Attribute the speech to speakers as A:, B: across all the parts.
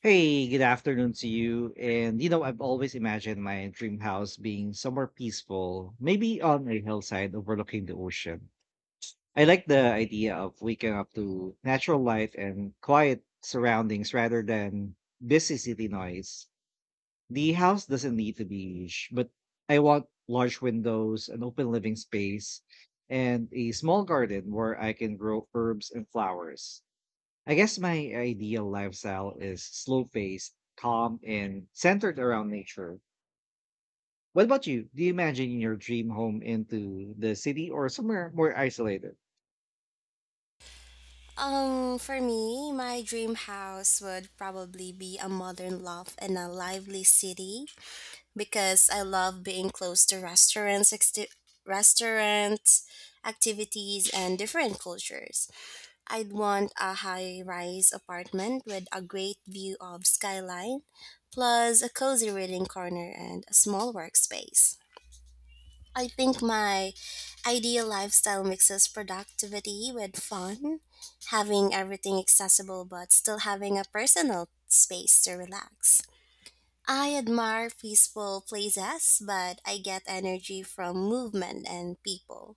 A: Hey, good afternoon to you. And I've always imagined my dream house being somewhere peaceful, maybe on a hillside overlooking the ocean. I like the idea of waking up to natural light and quiet surroundings rather than busy city noise. The house doesn't need to be huge, but I want large windows, an open living space, and a small garden where I can grow herbs and flowers. I guess my ideal lifestyle is slow paced, calm, and centered around nature. What about you? Do you imagine your dream home into the city or somewhere more isolated?
B: For me, my dream house would probably be a modern loft in a lively city because I love being close to restaurants, restaurants, activities, and different cultures. I'd want a high-rise apartment with a great view of skyline, plus a cozy reading corner and a small workspace. I think my ideal lifestyle mixes productivity with fun, having everything accessible but still having a personal space to relax. I admire peaceful places, but I get energy from movement and people.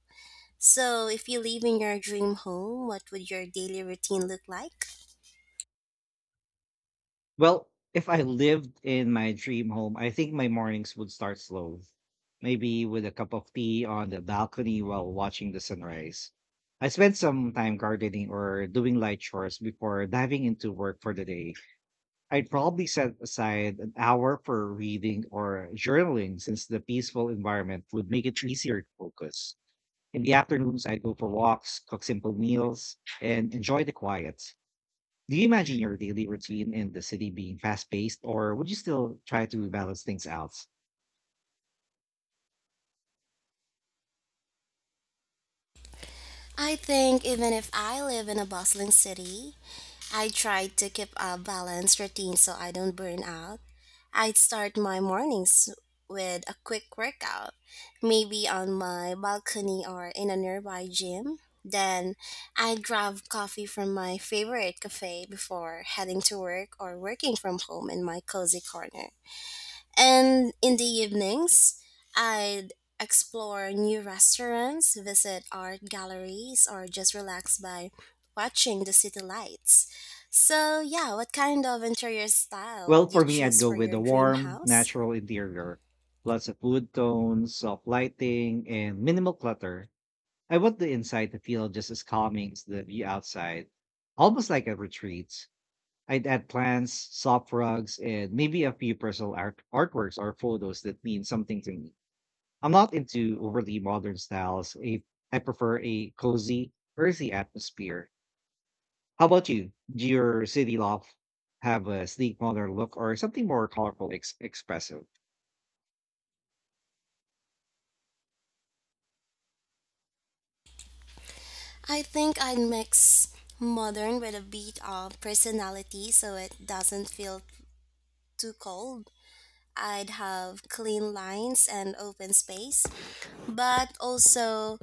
B: So, if you live in your dream home, what would your daily routine look like?
A: Well, if I lived in my dream home, I think my mornings would start slow, maybe with a cup of tea on the balcony while watching the sunrise. I spend some time gardening or doing light chores before diving into work for the day. I'd probably set aside an hour for reading or journaling since the peaceful environment would make it easier to focus. In the afternoons, I'd go for walks, cook simple meals, and enjoy the quiet. Do you imagine your daily routine in the city being fast paced, or would you still try to balance things out?
B: I think even if I live in a bustling city, I try to keep a balanced routine so I don't burn out. I'd start my mornings with a quick workout, maybe on my balcony or in a nearby gym. Then I'd grab coffee from my favorite cafe before heading to work or working from home in my cozy corner. And in the evenings, I'd explore new restaurants, visit art galleries, or just relax by watching the city lights. So, yeah, what kind of interior style
A: Well,
B: would you
A: for me, I'd
B: choose
A: go
B: for
A: with
B: your
A: a
B: dream
A: warm,
B: house?
A: natural interior, lots of wood tones, soft lighting, and minimal clutter. I want the inside to feel just as calming as the view outside, almost like a retreat. I'd add plants, soft rugs, and maybe a few personal artworks or photos that mean something to me. I'm not into overly modern styles. I prefer a cozy, earthy atmosphere. How about you? Do your city loft have a sleek, modern look or something more colorful, expressive?
B: I think I'd mix modern with a bit of personality so it doesn't feel too cold. I'd have clean lines and open space, but also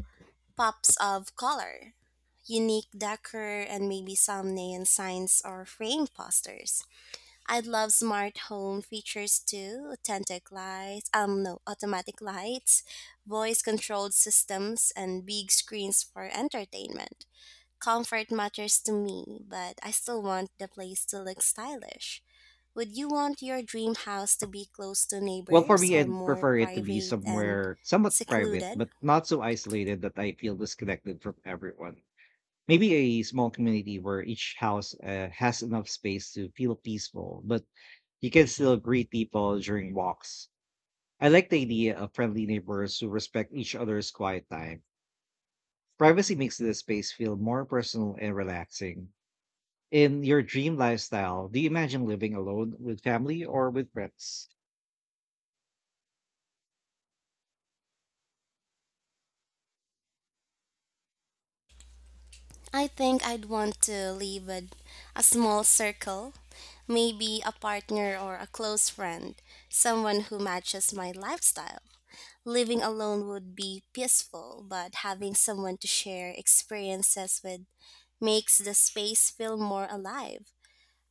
B: pops of color, unique decor, and maybe some neon signs or frame posters. I'd love smart home features too, authentic lights, no, automatic lights, voice controlled systems and big screens for entertainment. Comfort matters to me, but I still want the place to look stylish. Would you want your dream house to be close to
A: Well, for
B: neighbors
A: me,
B: or
A: I'd
B: more
A: prefer it to be
B: private and
A: somewhere somewhat private,
B: secluded?
A: but not so isolated that I feel disconnected from everyone. Maybe a small community where each house has enough space to feel peaceful, but you can still greet people during walks. I like the idea of friendly neighbors who respect each other's quiet time. Privacy makes the space feel more personal and relaxing. In your dream lifestyle, do you imagine living alone with family or with friends?
B: I think I'd want to live with a small circle, maybe a partner or a close friend, someone who matches my lifestyle. Living alone would be peaceful, but having someone to share experiences with makes the space feel more alive.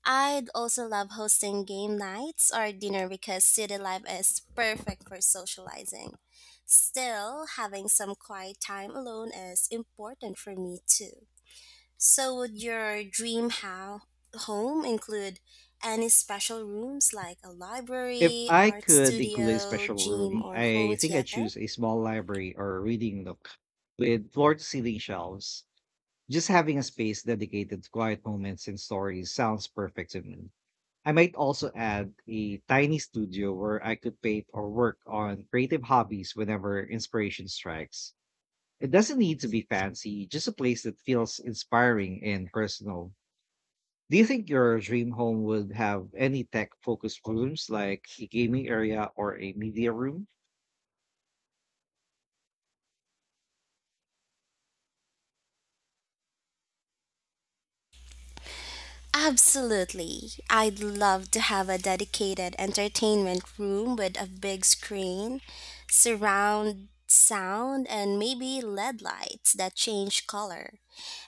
B: I'd also love hosting game nights or dinner because city life is perfect for socializing. Still, having some quiet time alone is important for me too. So, would your dream home include any special rooms like a
A: If
B: library,
A: I
B: art
A: could include a
B: studio,
A: special
B: gym,
A: room,
B: or home
A: I think I'd
B: theater?
A: choose a small library or reading nook with floor to ceiling shelves. Just having a space dedicated to quiet moments and stories sounds perfect to me. I might also add a tiny studio where I could paint or work on creative hobbies whenever inspiration strikes. It doesn't need to be fancy, just a place that feels inspiring and personal. Do you think your dream home would have any tech focused rooms like a gaming area or a media room?
B: Absolutely. I'd love to have a dedicated entertainment room with a big screen, surround sound, and maybe LED lights that change color.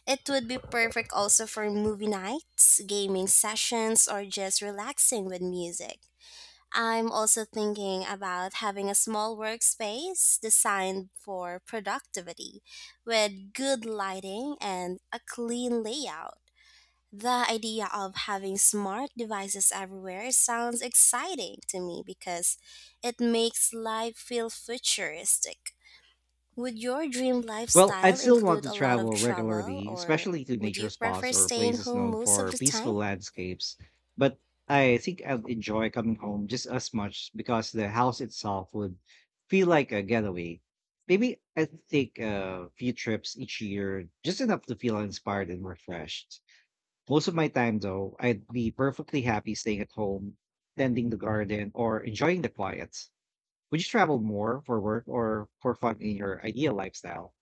B: It would be perfect also for movie nights, gaming sessions, or just relaxing with music. I'm also thinking about having a small workspace designed for productivity with good lighting and a clean layout. The idea of having smart devices everywhere sounds exciting to me because it makes life feel futuristic. Would your dream
A: Well, I'd
B: lifestyle
A: still want
B: include
A: to
B: a lot of
A: travel
B: travel,
A: regularly,
B: or
A: especially to
B: would
A: nature
B: you
A: spots
B: prefer
A: or
B: staying
A: places
B: home
A: known
B: most of
A: for
B: the
A: peaceful
B: time?
A: landscapes. But I think I'd enjoy coming home just as much because the house itself would feel like a getaway. Maybe I'd take a few trips each year, just enough to feel inspired and refreshed. Most of my time, though, I'd be perfectly happy staying at home, tending the garden, or enjoying the quiet. Would you travel more for work or for fun in your ideal lifestyle?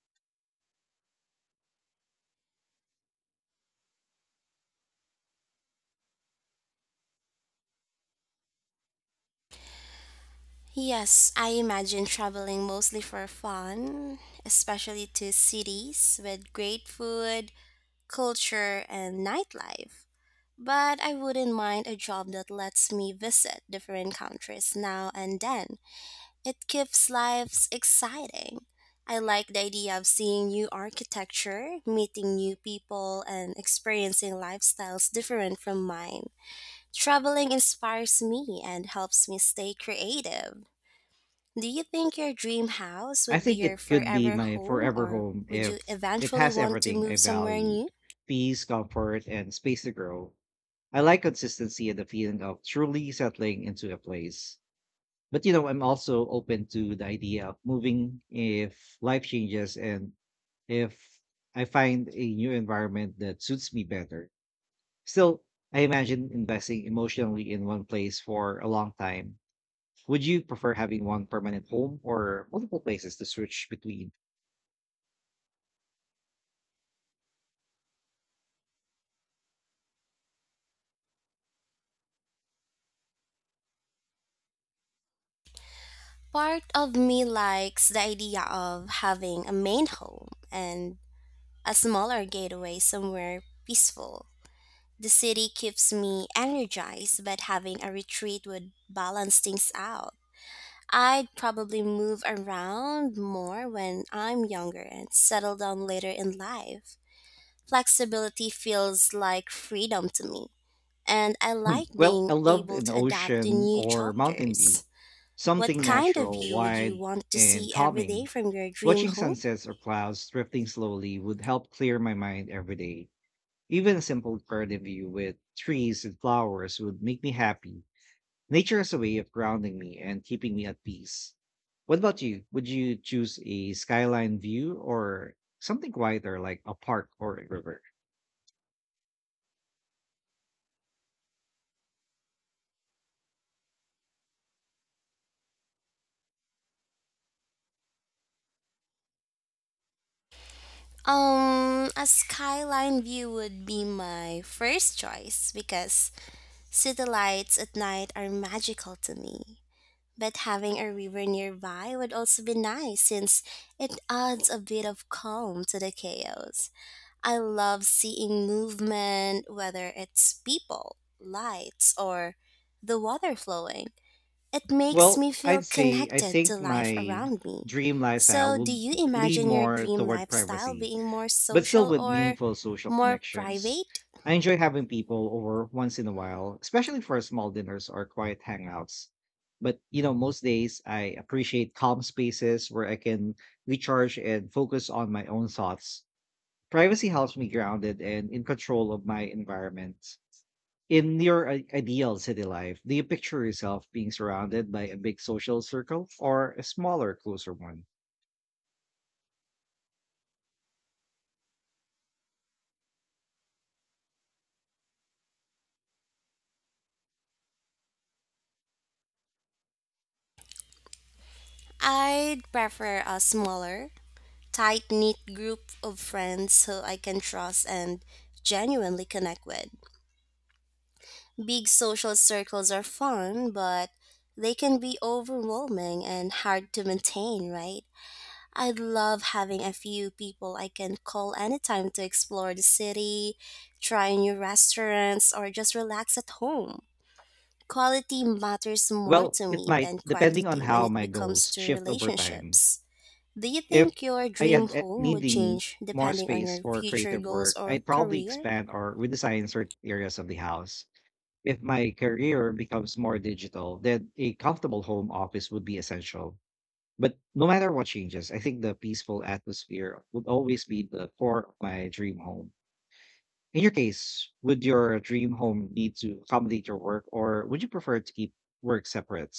B: Yes, I imagine traveling mostly for fun, especially to cities with great food, culture, and nightlife. But I wouldn't mind a job that lets me visit different countries now and then. It keeps lives exciting. I like the idea of seeing new architecture, meeting new people, and experiencing lifestyles different from mine. Traveling inspires me and helps me stay creative. Do you think your dream house
A: I
B: would be
A: think
B: your
A: it could be
B: forever
A: my
B: home
A: forever
B: or
A: home
B: would you
A: if it
B: eventually
A: has
B: want to
A: everything I
B: move somewhere
A: valued:
B: new?
A: peace, comfort, and space to grow. I like consistency and the feeling of truly settling into a place. But I'm also open to the idea of moving if life changes and if I find a new environment that suits me better. Still, I imagine investing emotionally in one place for a long time. Would you prefer having one permanent home or multiple places to switch between?
B: Part of me likes the idea of having a main home and a smaller gateway somewhere peaceful. The city keeps me energized, but having a retreat would balance things out. I'd probably move around more when I'm younger and settle down later in life. Flexibility feels like freedom to me, and I like
A: Well,
B: being
A: I loved
B: able
A: an
B: to adapt to
A: ocean
B: new
A: or mountain view,
B: chapters. What
A: something
B: kind of
A: natural,
B: view would you
A: wide,
B: want to
A: and
B: see every day
A: calming.
B: from your dream
A: Watching
B: home?
A: sunsets or clouds drifting slowly would help clear my mind every day. Even a simple garden view with trees and flowers would make me happy. Nature is a way of grounding me and keeping me at peace. What about you? Would you choose a skyline view or something quieter like a park or a river?
B: A skyline view would be my first choice because city lights at night are magical to me. But having a river nearby would also be nice since it adds a bit of calm to the chaos. I love seeing movement, whether it's people, lights, or the water flowing. It makes
A: Well,
B: me feel
A: I'd say I
B: connected to
A: think
B: life
A: my
B: around me.
A: dream lifestyle
B: So, do
A: would
B: you
A: lean
B: imagine your
A: more
B: dream
A: toward
B: lifestyle
A: privacy,
B: being more
A: but still
B: social
A: with
B: or
A: meaningful social
B: more
A: connections.
B: private?
A: I enjoy having people over once in a while, especially for small dinners or quiet hangouts. But most days I appreciate calm spaces where I can recharge and focus on my own thoughts. Privacy helps me grounded and in control of my environment. In your ideal city life, do you picture yourself being surrounded by a big social circle or a smaller, closer one?
B: I'd prefer a smaller, tight knit group of friends who I can trust and genuinely connect with. Big social circles are fun, but they can be overwhelming and hard to maintain, right? I love having a few people I can call anytime to explore the city, try new restaurants, or just relax at home. Quality matters more
A: Well,
B: to
A: it
B: me
A: might,
B: than
A: depending on
B: quantity when
A: how
B: it
A: my
B: comes
A: goals
B: to
A: shift over time.
B: relationships. Do you
A: If
B: think your
A: I
B: dream
A: end up
B: home would
A: needing
B: change
A: more
B: depending on
A: space
B: your
A: for
B: future
A: creative
B: goals
A: work,
B: or
A: I'd probably
B: career?
A: expand or redesign certain areas of the house. If my career becomes more digital, then a comfortable home office would be essential. But no matter what changes, I think the peaceful atmosphere would always be the core of my dream home. In your case, would your dream home need to accommodate your work, or would you prefer to keep work separate?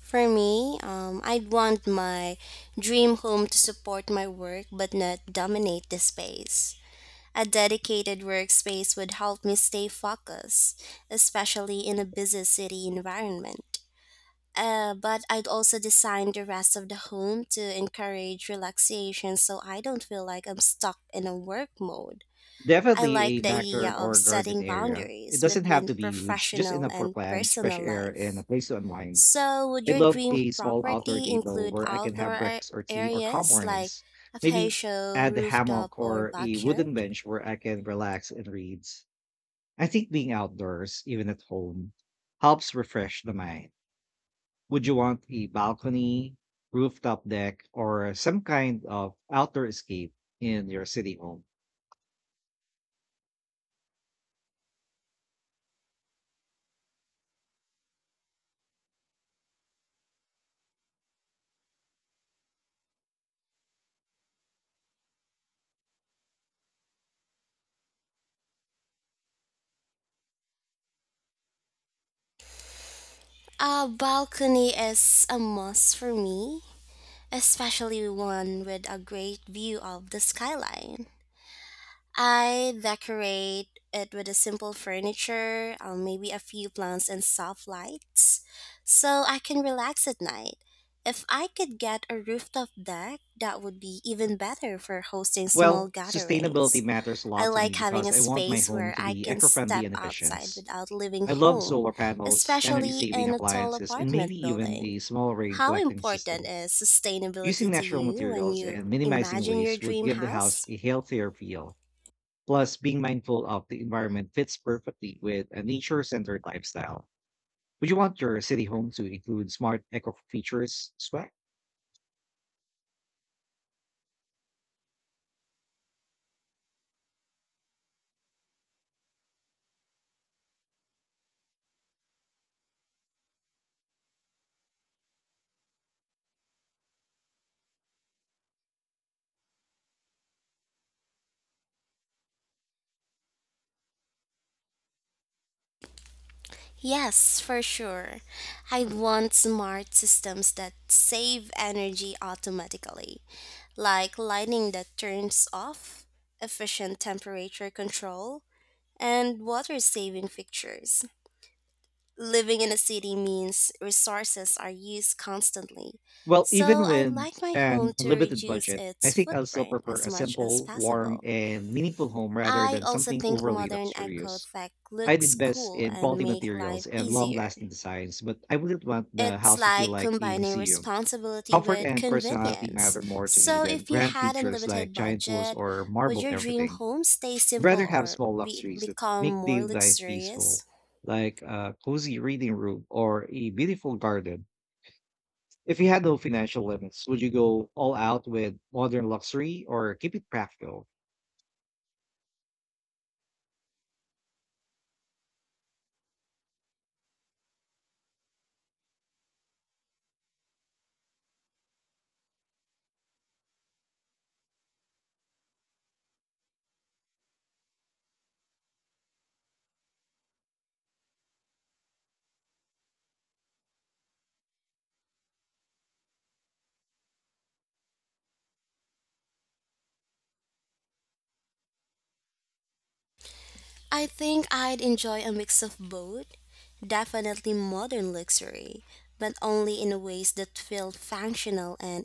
B: For me, I'd want my dream home to support my work but not dominate the space. A dedicated workspace would help me stay focused, especially in a busy city environment. But I'd also design the rest of the home to encourage relaxation so I don't feel like I'm stuck in a work mode. I
A: Definitely
B: like
A: a
B: the idea
A: backyard
B: of
A: or garden
B: setting
A: area. It
B: boundaries
A: doesn't have
B: between
A: to be huge, just
B: professional
A: enough for
B: and
A: plants, fresh
B: personal
A: air, and a
B: life.
A: place to unwind.
B: So, would
A: I
B: your
A: love
B: dream
A: a small outdoor
B: property
A: table
B: include
A: where I can
B: outdoor
A: have breakfast or tea or calm
B: areas like
A: mornings.
B: a
A: Maybe
B: patio,
A: add a
B: rooftop,
A: hammock
B: or
A: or a wooden
B: backyard?
A: bench where I can relax and read. I think being outdoors, even at home, helps refresh the mind. Would you want a balcony, rooftop deck, or some kind of outdoor escape in your city home?
B: A balcony is a must for me, especially one with a great view of the skyline. I decorate it with a simple furniture, maybe a few plants and soft lights, so I can relax at night. If I could get a rooftop deck, that would be even better for hosting small
A: Well, sustainability
B: gatherings.
A: matters a
B: I
A: lot to me
B: like having
A: because
B: a
A: I want my
B: space
A: home
B: where
A: to
B: I
A: be
B: can
A: eco friendly
B: step
A: and
B: outside
A: efficient.
B: without leaving
A: I love
B: home,
A: solar panels, energy
B: especially
A: saving
B: in a tall
A: appliances, and
B: apartment
A: maybe even
B: building.
A: a small rain
B: How
A: collecting
B: important
A: system.
B: is
A: Using
B: sustainability to
A: natural
B: you when
A: materials
B: you
A: and minimizing
B: imagine your
A: waste would
B: dream
A: give the house
B: house?
A: a healthier feel. Plus, being mindful of the environment fits perfectly with a nature centered lifestyle. Would you want your city home to include smart eco features as well?
B: Yes, for sure. I want smart systems that save energy automatically, like lighting that turns off, efficient temperature control, and water saving fixtures. Living in a city means resources are used constantly,
A: Well,
B: so
A: even
B: I'd
A: with
B: like my home
A: an
B: to
A: unlimited
B: reduce
A: budget, I
B: its
A: think I'll still
B: footprint
A: prefer
B: as
A: a
B: much as
A: simple, warm,
B: possible.
A: and meaningful home rather
B: I
A: than
B: also
A: something
B: think
A: overly
B: modern eco
A: luxurious.
B: tech
A: I'd
B: looks
A: invest
B: cool
A: in
B: and
A: quality
B: make life
A: materials and long
B: easier.
A: lasting designs, but I wouldn't want the
B: It's
A: house to feel
B: like
A: like a
B: combining
A: museum.
B: responsibility
A: Comfort
B: with
A: and personality
B: convenience.
A: matter more to me
B: So,
A: than
B: if you
A: grand
B: had
A: features
B: unlimited
A: like giant pools
B: budget,
A: or
B: would
A: marble
B: your dream
A: everything.
B: home stay
A: I'd rather
B: simple
A: have
B: or
A: small luxuries that
B: become
A: make
B: more
A: daily life peaceful,
B: luxurious?
A: like a cozy reading room or a beautiful garden. If you had no financial limits, would you go all out with modern luxury or keep it practical?
B: I think I'd enjoy a mix of both. Definitely modern luxury, but only in ways that feel functional and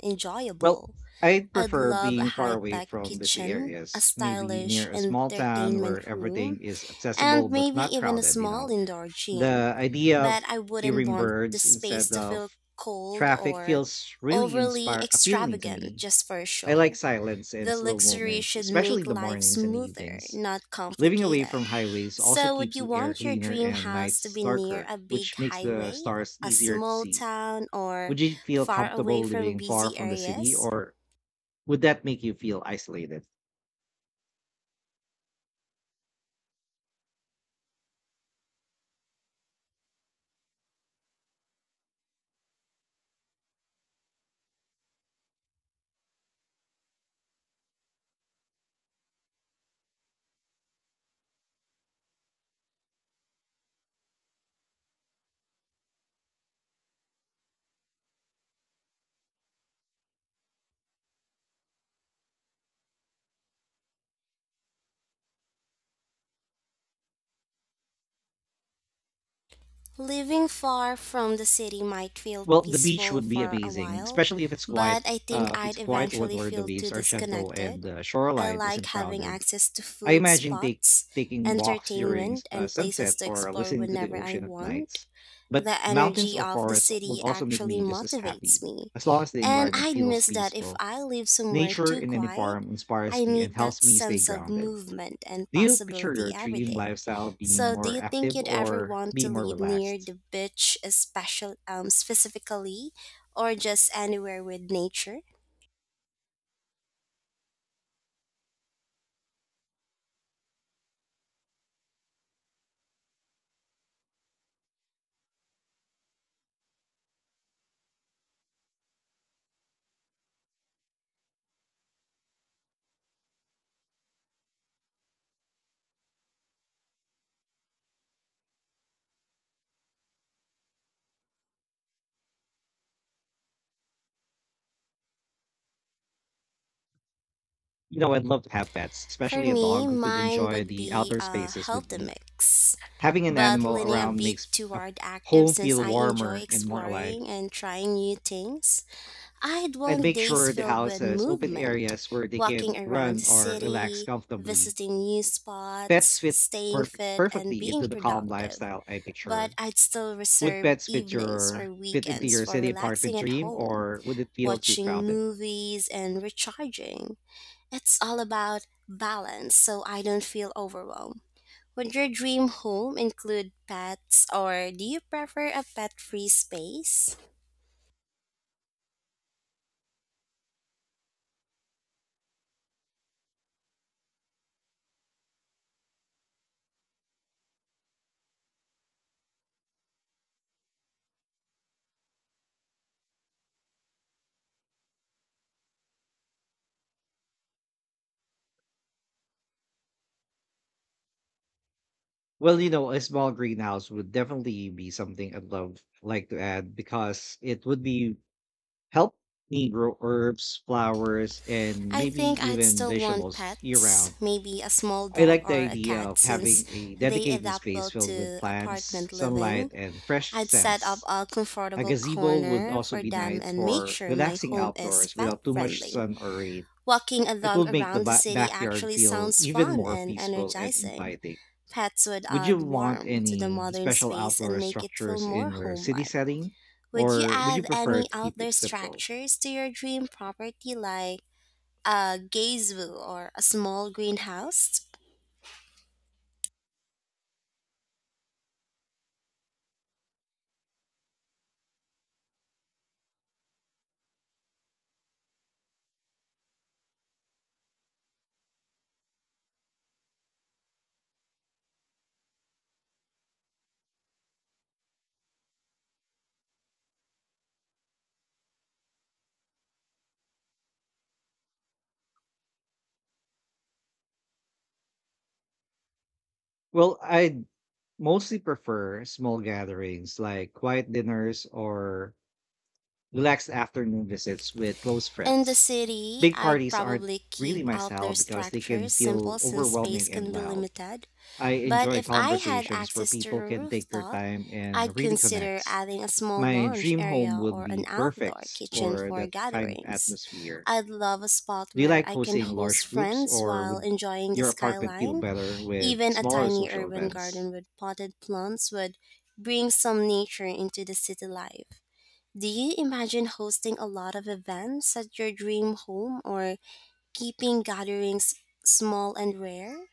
A: Well,
B: enjoyable.
A: I'd
B: I'd
A: prefer
B: love a
A: being far
B: high
A: away
B: tech
A: from busy
B: kitchen, a
A: areas, maybe
B: stylish
A: near a small town where
B: entertainment room,
A: everything is
B: and
A: accessible but
B: maybe
A: not
B: even a
A: crowded, you
B: small
A: know.
B: indoor gym.
A: The idea
B: But
A: of
B: I wouldn't
A: hearing
B: want the
A: birds
B: space
A: instead
B: to
A: of
B: feel cold
A: traffic
B: or
A: feels really
B: overly
A: inspire appealing to
B: extravagant
A: me.
B: just for a
A: I like
B: show.
A: silence and
B: The
A: slow
B: luxury
A: moments,
B: should
A: especially
B: make
A: in the
B: life
A: mornings and
B: smoother,
A: evenings.
B: not
A: Living away
B: complicated.
A: from highways also
B: So, would
A: keeps
B: you
A: the air
B: want your
A: cleaner
B: dream
A: and
B: house to
A: nights
B: be near
A: darker,
B: a big
A: which makes the
B: highway,
A: stars
B: a
A: easier to
B: small
A: see.
B: town, or
A: Would you feel
B: far away
A: comfortable
B: from
A: living far
B: busy
A: from the city,
B: areas?
A: or would that make you feel isolated?
B: Living far from the city might feel
A: Well, the beach
B: peaceful
A: would be
B: for a
A: amazing,
B: while,
A: especially if it's quiet.
B: but I think
A: It's
B: I'd
A: a quiet one
B: eventually
A: where the
B: feel
A: waves
B: too
A: are gentle and
B: disconnected.
A: the
B: I
A: shoreline
B: like
A: isn't
B: having
A: crowded.
B: access to
A: I
B: food
A: imagine
B: spots,
A: taking walks during
B: entertainment, and places
A: sunset
B: to
A: or
B: explore
A: listening to the
B: whenever I
A: ocean at
B: want.
A: nights. But
B: The
A: mountains
B: energy
A: or
B: of the
A: forests would
B: city
A: also make
B: actually
A: me just as
B: motivates
A: happy,
B: me,
A: as long as the
B: and
A: environment
B: I'd
A: feels
B: miss that if
A: peaceful.
B: I live somewhere
A: Nature
B: too
A: in any
B: quiet.
A: form
B: I
A: inspires me and
B: need that
A: helps me stay
B: sense of
A: grounded.
B: movement and
A: Do you picture
B: possibility
A: your
B: every
A: dream
B: day.
A: lifestyle being
B: So, do
A: more
B: you think
A: active
B: you'd ever
A: or
B: want to
A: being more
B: live near
A: relaxed?
B: the beach, especially specifically, or just anywhere with nature?
A: I'd love to have pets,
B: For
A: especially a
B: me,
A: dog who could
B: mine
A: enjoy
B: would
A: the
B: be
A: outdoor
B: a
A: spaces with
B: healthy
A: me.
B: mix,
A: Having an
B: but
A: animal
B: leaning a
A: around
B: bit
A: makes a
B: toward active
A: home
B: since
A: feel
B: I enjoy
A: warmer and more alive.
B: exploring and trying new things. I'd
A: I'd
B: want
A: make
B: days
A: sure the
B: filled
A: house
B: with
A: has open
B: movement,
A: areas where they
B: walking
A: can
B: around the
A: run or relax
B: city,
A: comfortably.
B: visiting new
A: Pets
B: spots,
A: fit
B: staying
A: for
B: fit, and
A: perfectly
B: being
A: into the calm
B: productive,
A: lifestyle I
B: but
A: picture.
B: I'd still
A: Would
B: reserve
A: pets
B: evenings or
A: fit into
B: weekends
A: your
B: for
A: city apartment
B: relaxing at
A: dream
B: home,
A: or would it feel too
B: watching
A: crowded?
B: movies, and recharging. It's all about balance so I don't feel overwhelmed. Would your dream home include pets or do you prefer a pet free space?
A: Well, a small greenhouse would definitely be something I'd love like to add because it would be help me grow herbs, flowers, and
B: I
A: maybe
B: think I'd
A: even
B: still want
A: vegetables year
B: pets,
A: round.
B: maybe a small
A: I
B: dog
A: like the
B: or a
A: idea
B: cat
A: of having
B: since
A: a
B: they
A: dedicated
B: adapt
A: space
B: well
A: filled with
B: to
A: plants,
B: apartment living.
A: sunlight, and fresh
B: I'd set up
A: scents.
B: a
A: A
B: comfortable
A: gazebo would
B: corner
A: also
B: for
A: be
B: them
A: nice
B: and make
A: for
B: sure my
A: relaxing
B: home is
A: outdoors
B: pet
A: without too much
B: friendly.
A: sun or rain.
B: Walking a
A: It
B: dog
A: would make the
B: around the city
A: backyard
B: actually
A: feel
B: sounds
A: even
B: fun
A: more
B: and
A: peaceful and
B: energizing.
A: inviting.
B: Pets would
A: Would you
B: add
A: want
B: warmth to the
A: any
B: modern
A: special
B: space
A: outdoor
B: and make it feel
A: structures
B: more
A: in your
B: home
A: city
B: like.
A: setting,
B: Would you
A: or would you
B: add
A: prefer
B: any
A: to keep
B: outdoor
A: it simple?
B: structures to your dream property like a gazebo or a small greenhouse?
A: Well, I'd mostly prefer small gatherings like quiet dinners or relaxed afternoon visits with close
B: In the
A: friends.
B: city,
A: Big
B: I'd
A: parties aren't
B: probably
A: really
B: keep
A: my style
B: outdoor
A: because they can
B: structures
A: feel
B: simple since
A: overwhelming
B: space
A: and
B: can be
A: loud.
B: limited.
A: I
B: But
A: enjoy
B: if I had
A: conversations where
B: access to the
A: people can take their
B: rooftop,
A: time and
B: I'd
A: really
B: consider
A: connect.
B: adding a small
A: My
B: lounge
A: dream home
B: area
A: would
B: or an
A: be
B: outdoor
A: perfect
B: kitchen
A: for
B: for
A: that kind of
B: gatherings.
A: atmosphere.
B: I'd love a spot
A: Do you
B: where
A: like
B: I can
A: hosting
B: host
A: large groups,
B: friends
A: or
B: while
A: would
B: enjoying the
A: your apartment feel
B: skyline.
A: better with
B: Even a
A: smaller
B: tiny
A: social
B: urban garden
A: events?
B: with potted plants would bring some nature into the city life. Do you imagine hosting a lot of events at your dream home or keeping gatherings small and rare?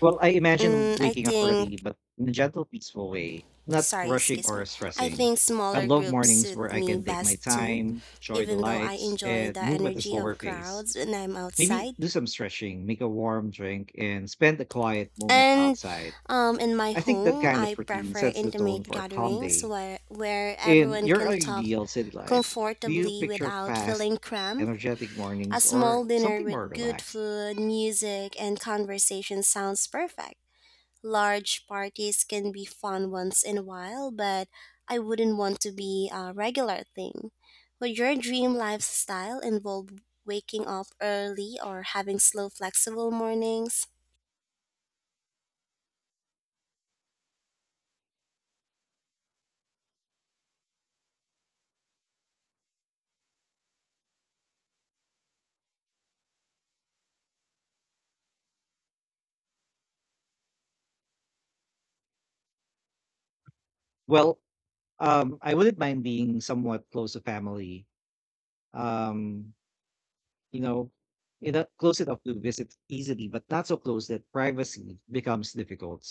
A: Well, I imagine
B: Mm, I
A: waking up early,
B: think
A: but in a gentle, peaceful way, not
B: Sorry,
A: rushing
B: excuse
A: or
B: me. I
A: stressing.
B: think
A: I
B: smaller
A: love
B: groups
A: mornings where
B: suit
A: I
B: me
A: can take my
B: best too,
A: time, enjoy the
B: even though I
A: lights,
B: enjoy
A: and
B: the
A: move at a
B: energy
A: slower
B: of
A: pace.
B: crowds when I'm
A: Maybe
B: outside.
A: do some stretching, make a warm drink, and spend a quiet moment
B: And
A: outside.
B: in my
A: I think that
B: home,
A: kind
B: I
A: of routine
B: prefer
A: sets the tone
B: intimate
A: for a calm
B: gatherings
A: day.
B: where
A: In
B: everyone
A: your
B: can talk
A: ideal city life, do you
B: comfortably
A: picture
B: without
A: fast,
B: feeling cramped.
A: energetic
B: A
A: mornings
B: small
A: or
B: dinner
A: something more
B: with good
A: relaxed?
B: food, music, and conversation sounds perfect. Large parties can be fun once in a while, but I wouldn't want to be a regular thing. Would your dream lifestyle involve waking up early or having slow, flexible mornings?
A: Well, I wouldn't mind being somewhat close to family um, you know, in a close enough to visit easily, but not so close that privacy becomes difficult.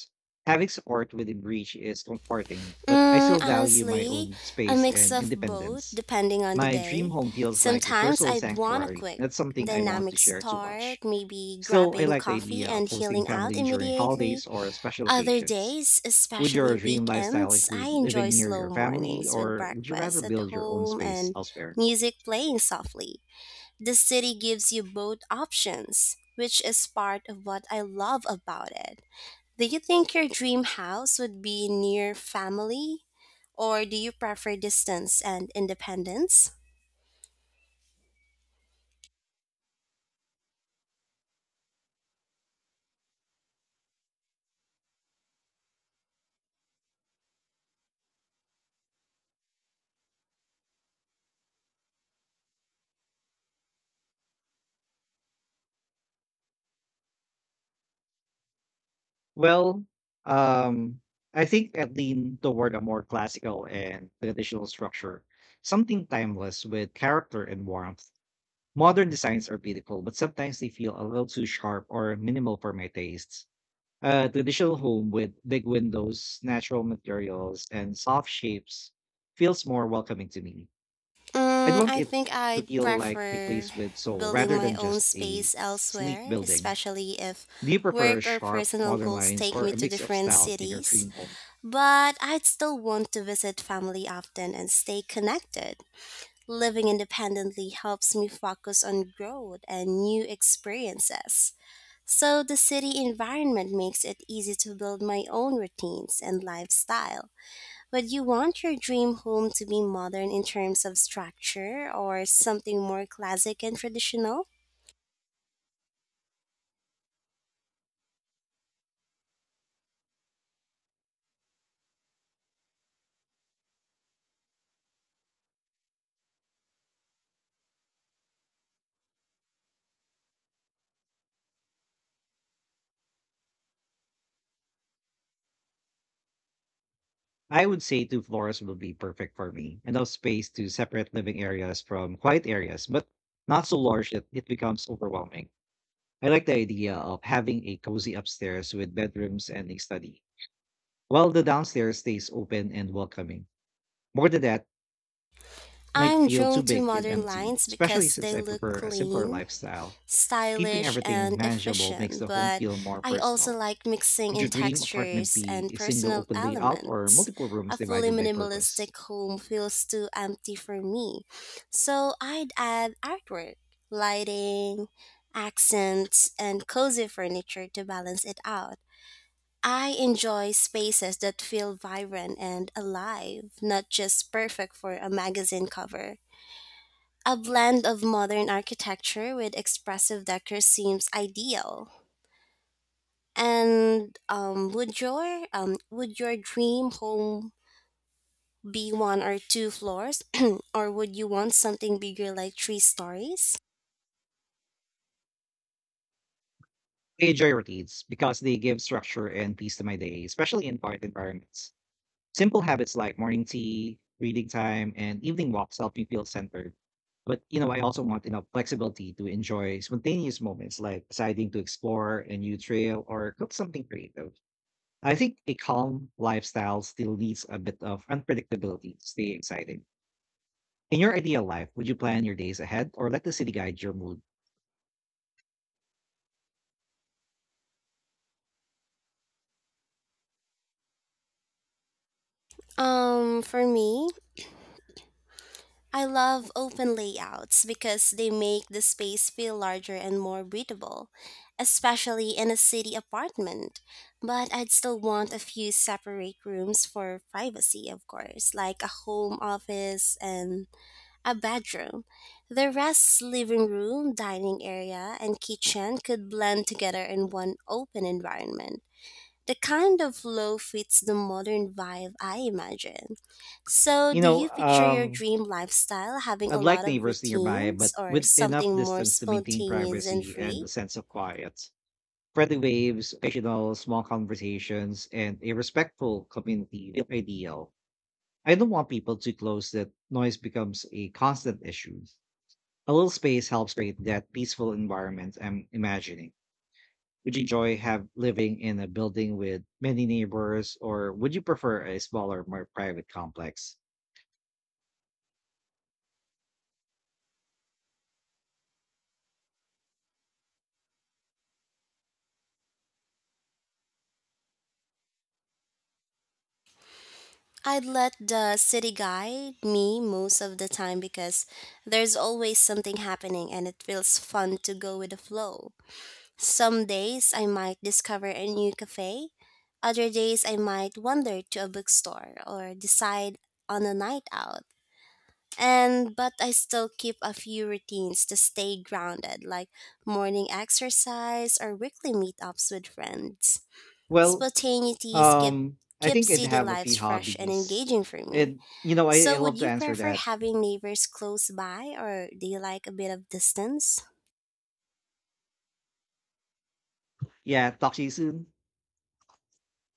A: Having support within reach is comforting, but I
B: Mm,
A: still value my
B: honestly,
A: own
B: a
A: space
B: mix
A: and
B: of both
A: independence.
B: depending on the
A: My dream
B: day.
A: home feels like a
B: Sometimes
A: personal
B: I'd want a
A: sanctuary.
B: quick,
A: That's something I want to
B: dynamic
A: share too
B: start,
A: much.
B: maybe
A: Still, I
B: grabbing
A: like the
B: coffee
A: idea of
B: and
A: hosting
B: healing out
A: family during
B: immediately.
A: holidays or special
B: Other
A: occasions.
B: days,
A: Would
B: especially
A: your dream lifestyle
B: weekends, I
A: include living
B: enjoy
A: near
B: slow
A: your family,
B: mornings with
A: or would you rather
B: breakfast at
A: build your own
B: home
A: space
B: and
A: elsewhere?
B: music playing softly. The city gives you both options, which is part of what I love about it. Do you think your dream house would be near family, or do you prefer distance and independence?
A: Well, um, I think I lean toward a more classical and traditional structure, something timeless with character and warmth. Modern designs are beautiful, but sometimes they feel a little too sharp or minimal for my tastes. A traditional home with big windows, natural materials, and soft shapes feels more welcoming to me. I'd
B: Mm,
A: want
B: I
A: it
B: think
A: to
B: I'd
A: feel like a
B: prefer
A: place with soul
B: building
A: rather
B: my
A: than
B: own
A: just a
B: space
A: sleek
B: elsewhere,
A: building.
B: especially if
A: Do you prefer
B: work or
A: sharp
B: personal
A: modern
B: goals
A: lines
B: take
A: or
B: me
A: a
B: to
A: mix of
B: different
A: styles in your
B: cities.
A: dream home?
B: But I'd still want to visit family often and stay connected. Living independently helps me focus on growth and new experiences. So the city environment makes it easy to build my own routines and lifestyle. Would you want your dream home to be modern in terms of structure or something more classic and traditional?
A: I would say two floors will be perfect for me. Enough space to separate living areas from quiet areas, but not so large that it becomes overwhelming. I like the idea of having a cozy upstairs with bedrooms and a study, while the downstairs stays open and welcoming. More than that, it might
B: I'm
A: feel too
B: drawn to
A: big and
B: modern
A: empty,
B: lines
A: especially
B: because
A: since
B: they
A: I
B: look
A: prefer a simpler
B: clean,
A: lifestyle. Keeping
B: stylish,
A: everything
B: and
A: manageable makes
B: efficient,
A: the home
B: but
A: feel more
B: I also
A: personal.
B: like mixing
A: Would
B: in
A: your dream apartment
B: textures
A: be
B: and
A: a single
B: personal
A: open layout or
B: elements.
A: multiple
B: A
A: rooms
B: fully
A: divided by purpose?
B: minimalistic home feels too empty for me, so I'd add artwork, lighting, accents, and cozy furniture to balance it out. I enjoy spaces that feel vibrant and alive, not just perfect for a magazine cover. A blend of modern architecture with expressive decor seems ideal. And would your dream home be one or two floors, or would you want something bigger, like 3 stories?
A: I enjoy routines because they give structure and peace to my day, especially in quiet environments. Simple habits like morning tea, reading time, and evening walks help me feel centered. But you know, I also want enough flexibility to enjoy spontaneous moments like deciding to explore a new trail or cook something creative. I think a calm lifestyle still needs a bit of unpredictability to stay exciting. In your ideal life, would you plan your days ahead or let the city guide your mood?
B: For me, I love open layouts because they make the space feel larger and more breathable, especially in a city apartment. But I'd still want a few separate rooms for privacy, of course, like a home office and a bedroom. The rest, living room, dining area, and kitchen could blend together in one open environment. The kind of flow fits the modern vibe I imagine. So,
A: You
B: do
A: know,
B: you picture your
A: um,
B: dream lifestyle having a
A: I'd
B: lot
A: like
B: of
A: neighbors nearby,
B: routines
A: but
B: or
A: with enough
B: something more
A: distance to maintain
B: spontaneous and
A: privacy and
B: free?
A: a sense of quiet. Friendly waves, occasional small conversations, and a respectful community feel ideal. I don't want people too close that noise becomes a constant issue. A little space helps create that peaceful environment I'm imagining. Would you enjoy have living in a building with many neighbors, or would you prefer a smaller, more private complex?
B: I'd let the city guide me most of the time because there's always something happening and it feels fun to go with the flow. Some days I might discover a new cafe, other days I might wander to a bookstore or decide on a night out. And but I still keep a few routines to stay grounded, like morning exercise or weekly meetups with friends.
A: Well,
B: Spontaneities
A: um, I
B: keep
A: think I'd
B: city
A: have a
B: lives
A: few
B: fresh and
A: hobbies,
B: engaging for me.
A: and you know, I
B: So
A: love
B: would
A: to
B: you
A: answer
B: prefer
A: that.
B: having neighbors close by or do you like a bit of distance?
A: Yeah, talk to you soon.